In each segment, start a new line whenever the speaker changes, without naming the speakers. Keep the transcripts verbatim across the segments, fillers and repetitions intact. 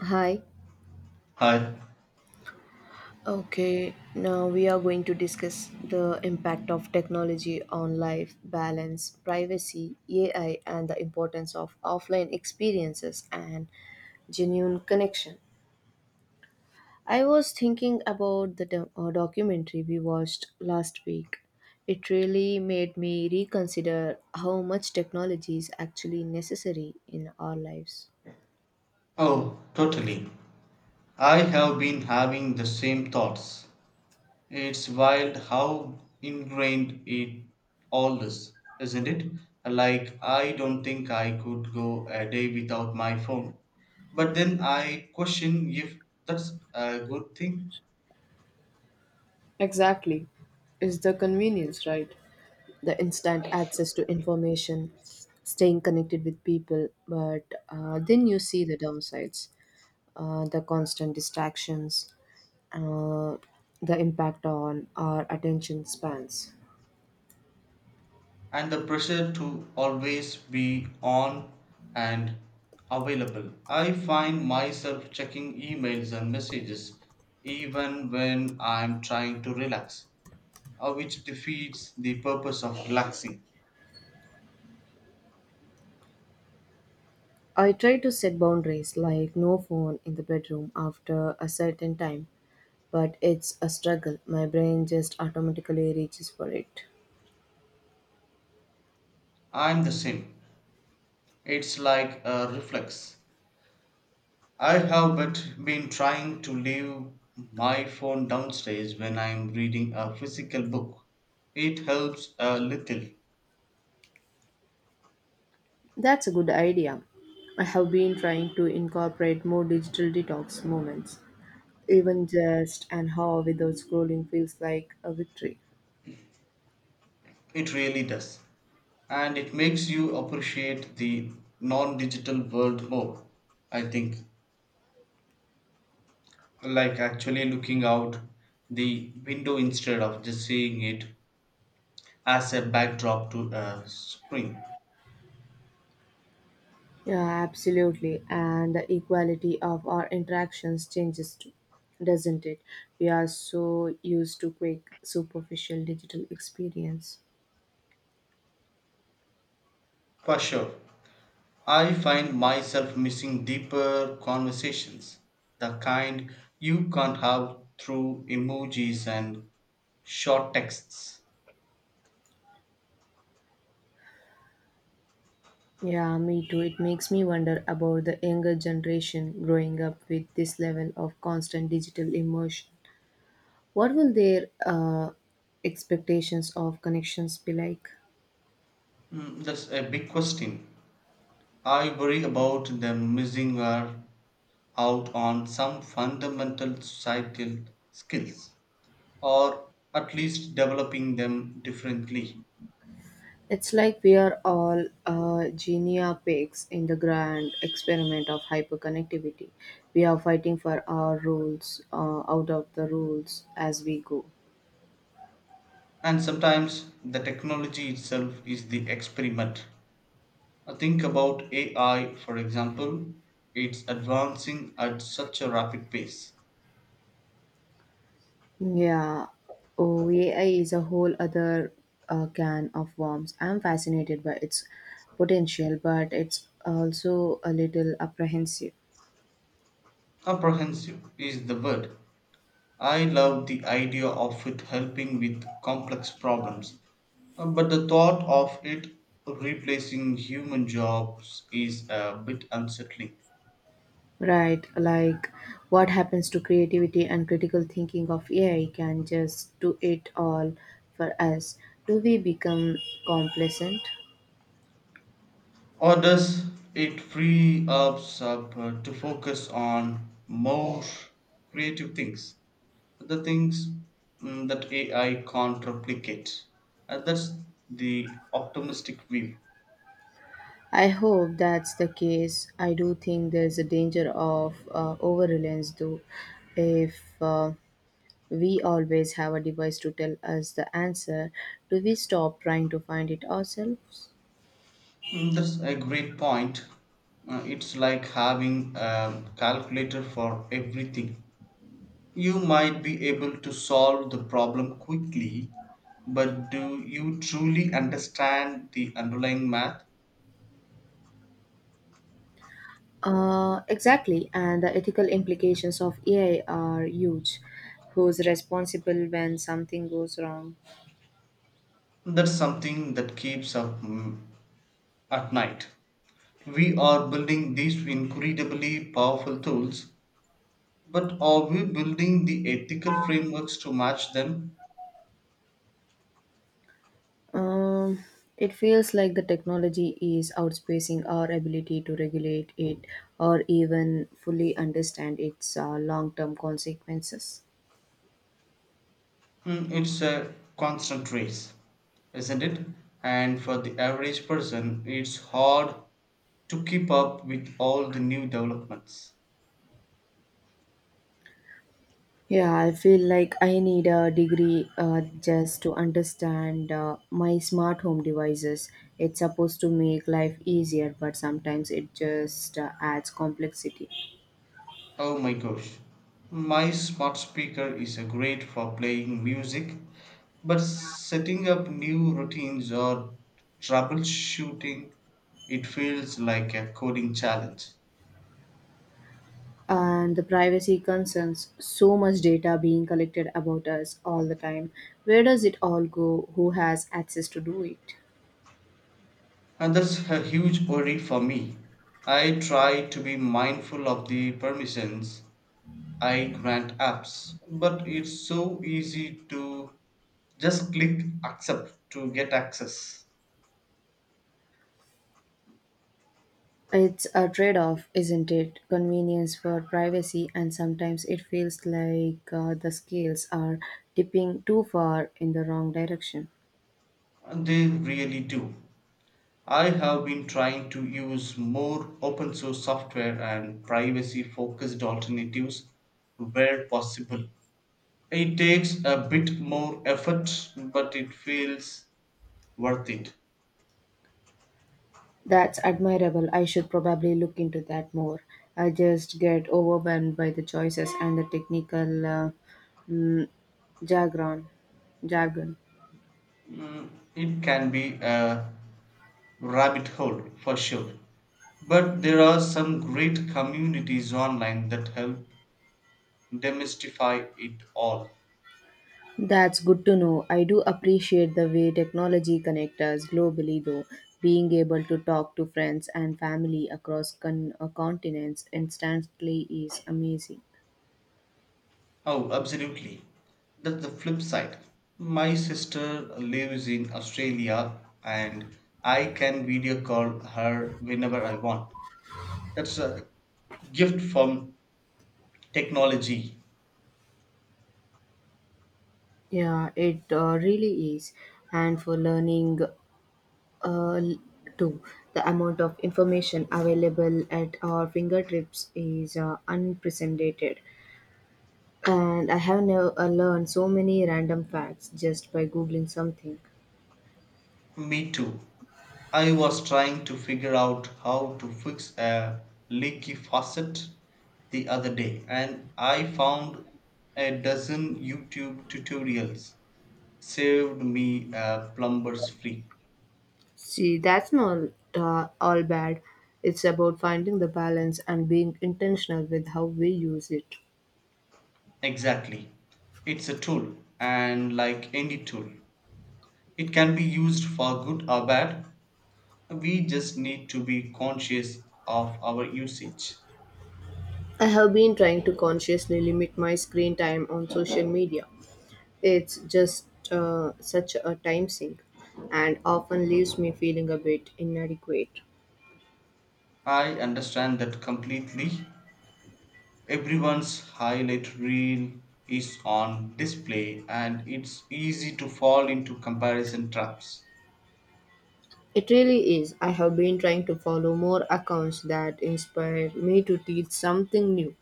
Hi.
I
Okay, now we are going to discuss the impact of technology on life, balance, privacy, A I, and the importance of offline experiences and genuine connection. I was thinking about the do- uh, documentary we watched last week. It really made me reconsider how much technology is actually necessary in our lives.
oh, totally. I have been having the same thoughts. It's wild how ingrained it all is, isn't it? Like, I don't think I could go a day without my phone. But then I question if that's a good thing.
Exactly. It's the convenience, right? The instant access to information, staying connected with people. But uh, then you see the downsides, uh, the constant distractions, uh, the impact on our attention spans.
And the pressure to always be on and available. I find myself checking emails and messages even when I'm trying to relax, uh, which defeats the purpose of relaxing.
I try to set boundaries like no phone in the bedroom after a certain time, but it's a struggle. My brain just automatically reaches for it.
I'm the same. It's like a reflex. I have but been trying to leave my phone downstairs when I'm reading a physical book. It helps a little.
That's a good idea. I have been trying to incorporate more digital detox moments. Even just an hour without scrolling feels like a victory.
It really does. And it makes you appreciate the non-digital world more, I think, like actually looking out the window instead of just seeing it as a backdrop to a screen.
Yeah, absolutely. And the equality of our interactions changes too, doesn't it? We are so used to quick, superficial digital experience.
For sure, I find myself missing deeper conversations, the kind you can't have through emojis and short texts.
Yeah, me too. It makes me wonder about the younger generation growing up with this level of constant digital immersion. What will their uh, expectations of connections be like?
Mm, that's a big question. I worry about them missing are out on some fundamental societal skills, or at least developing them differently.
It's like we are all uh, genia pigs in the grand experiment of hyperconnectivity. We are fighting for our rules, uh, out of the rules as we go.
And sometimes the technology itself is the experiment. I think about A I, for example, it's advancing at such a rapid pace.
Yeah, oh, A I is a whole other uh, can of worms. I'm fascinated by its potential, but it's also a little apprehensive.
Comprehensive is the word. I love the idea of it helping with complex problems, uh, but the thought of it replacing human jobs is a bit unsettling.
Right, like what happens to creativity and critical thinking of A I can just do it all for us. Do we become complacent?
Or does it free us up uh, to focus on more creative things? The things, mm, that A I can't replicate. And that's the optimistic view.
I hope that's the case. I do think there's a danger of uh, over reliance, though. If uh, we always have a device to tell us the answer, do we stop trying to find it ourselves?
Mm, that's a great point. Uh, It's like having a calculator for everything. You might be able to solve the problem quickly, but do you truly understand the underlying math?
Uh, exactly, and the ethical implications of A I are huge. Who's responsible when something goes wrong?
That's something that keeps up, mm, at night. We are building these incredibly powerful tools, but are we building the ethical frameworks to match them?
Um, it feels like the technology is outspacing our ability to regulate it or even fully understand its uh, long term consequences.
Mm, it's a constant race, isn't it? And for the average person, it's hard to keep up with all the new developments.
Yeah, I feel like I need a degree uh, just to understand uh, my smart home devices. It's supposed to make life easier, but sometimes it just uh, adds complexity.
Oh my gosh, my smart speaker is a great for playing music, but setting up new routines or troubleshooting, it feels like a coding challenge.
And the privacy concerns, so much data being collected about us all the time. Where does it all go? Who has access to do it?
And that's a huge worry for me. I try to be mindful of the permissions I grant apps, but it's so easy to just click accept to get access.
It's a trade-off, isn't it? Convenience for privacy, and sometimes it feels like uh, the scales are tipping too far in the wrong direction.
And they really do. I have been trying to use more open source software and privacy focused alternatives where possible. It takes a bit more effort, but it feels worth it.
That's admirable. I should probably look into that more. I just get overwhelmed by the choices and the technical uh, mm, jargon jargon
Mm, it can be a rabbit hole for sure. But there are some great communities online that help demystify it all.
That's good to know. I do appreciate the way technology connects us globally, though. Being able to talk to friends and family across con- uh, continents instantly is amazing.
Oh, absolutely. That's the flip side. My sister lives in Australia and I can video call her whenever I want. That's a gift from technology.
Yeah, it uh, really is. And for learning, uh, too, the amount of information available at our fingertips is uh, unprecedented. And I have never uh, learned so many random facts just by googling something.
Me too. I was trying to figure out how to fix a leaky faucet the other day and I found a dozen YouTube tutorials. Saved me a plumber's fee.
See, that's not uh, all bad. It's about finding the balance and being intentional with how we use it.
Exactly. It's a tool, and like any tool, it can be used for good or bad. We just need to be conscious of our usage.
I have been trying to consciously limit my screen time on social media. It's just uh, such a time sink and often leaves me feeling a bit inadequate.
I understand that completely. Everyone's highlight reel is on display and it's easy to fall into comparison traps.
It really is. I have been trying to follow more accounts that inspire me to teach something new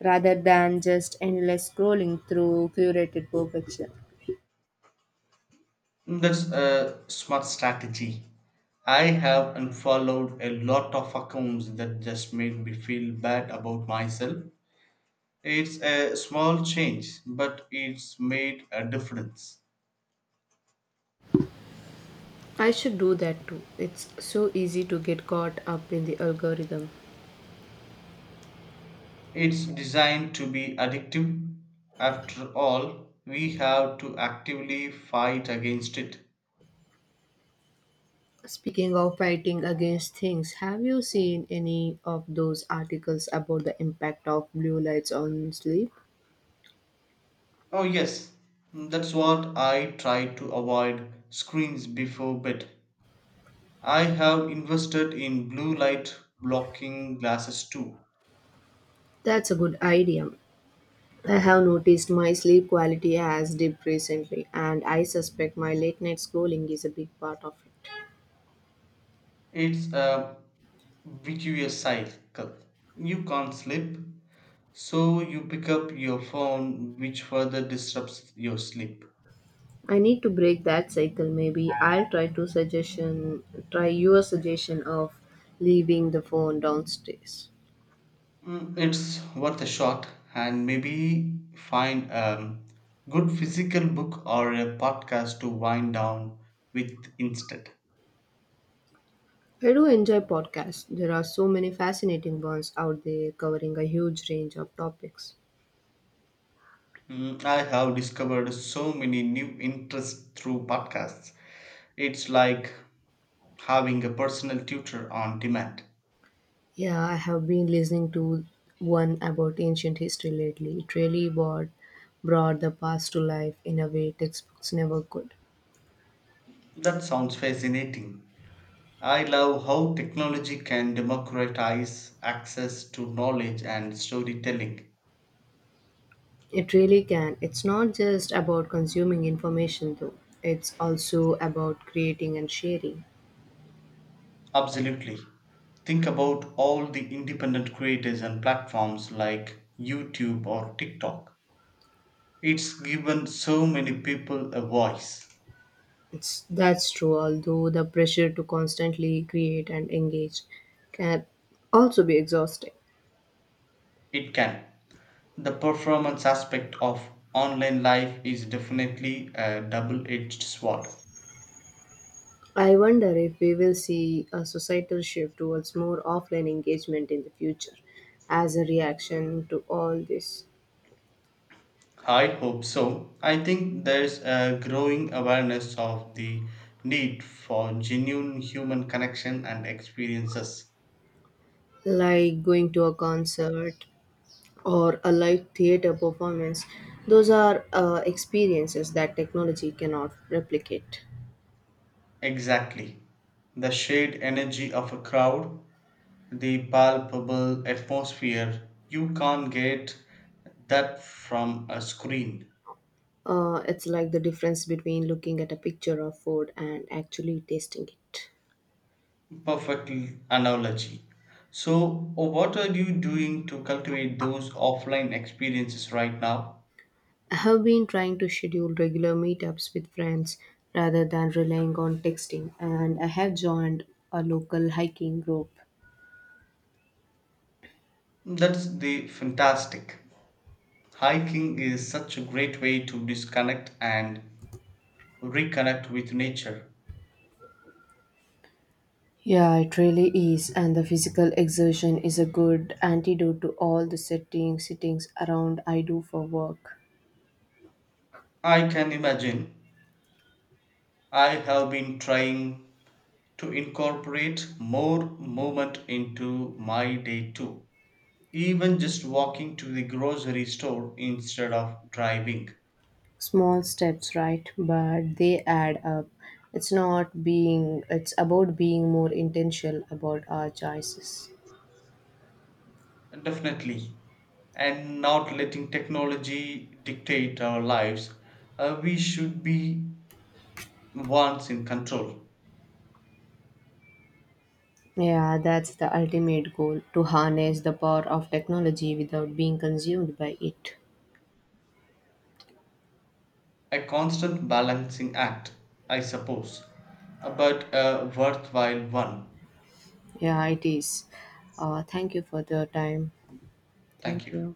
rather than just endless scrolling through curated perfection.
That's a smart strategy. I have unfollowed a lot of accounts that just made me feel bad about myself. It's a small change, but it's made a difference.
I should do that too. It's so easy to get caught up in the algorithm.
It's designed to be addictive. After all, we have to actively fight against it.
Speaking of fighting against things, have you seen any of those articles about the impact of blue lights on sleep?
Oh, yes, that's what I try to avoid screens before bed. I have invested in blue light blocking glasses too.
That's a good idea. I have noticed my sleep quality has dipped recently, and I suspect my late night scrolling is a big part of it.
It's a vicious cycle. You can't sleep, so you pick up your phone, which further disrupts your sleep.
I need to break that cycle. Maybe I'll try to suggestion try your suggestion of leaving the phone downstairs.
Mm, it's worth a shot, and maybe find a good physical book or a podcast to wind down with instead.
I do enjoy podcasts. There are so many fascinating ones out there covering a huge range of topics.
Mm, I have discovered so many new interests through podcasts. It's like having a personal tutor on demand.
Yeah, I have been listening to one about ancient history lately. It really brought, brought the past to life in a way textbooks never could.
That sounds fascinating. I love how technology can democratize access to knowledge and storytelling.
It really can. It's not just about consuming information though. It's also about creating and sharing.
Absolutely. Think about all the independent creators and platforms like YouTube or TikTok. It's given so many people a voice.
It's That's true, although the pressure to constantly create and engage can also be exhausting.
It can. The performance aspect of online life is definitely a double edged sword.
I wonder if we will see a societal shift towards more offline engagement in the future as a reaction to all this,
I hope so. I think there's a growing awareness of the need for genuine human connection and experiences.
like going to a concert or a live theater performance. Those are uh, experiences that technology cannot replicate.
Exactly. The shared energy of a crowd, the palpable atmosphere, you can't get that from a screen.
Uh, it's like the difference between looking at a picture of food and actually tasting it.
Perfect analogy. So, uh, what are you doing to cultivate those offline experiences right now?
I have been trying to schedule regular meetups with friends rather than relying on texting, and I have joined a local hiking group.
That's the fantastic. Hiking is such a great way to disconnect and reconnect with nature.
Yeah, it really is. And the physical exertion is a good antidote to all the sitting, sittings around I do for work.
I can imagine I have been trying to incorporate more movement into my day too, even just walking to the grocery store instead of driving.
Small steps, right? But they add up. It's not being, It's about being more intentional about our choices.
Definitely. And not letting technology dictate our lives, uh, we should be once in control.
Yeah, that's the ultimate goal, to harness the power of technology without being consumed by it.
A constant balancing act, I suppose, uh, but a worthwhile one.
Yeah, it is. Uh, thank you for your time. Thank
Thank you.
you.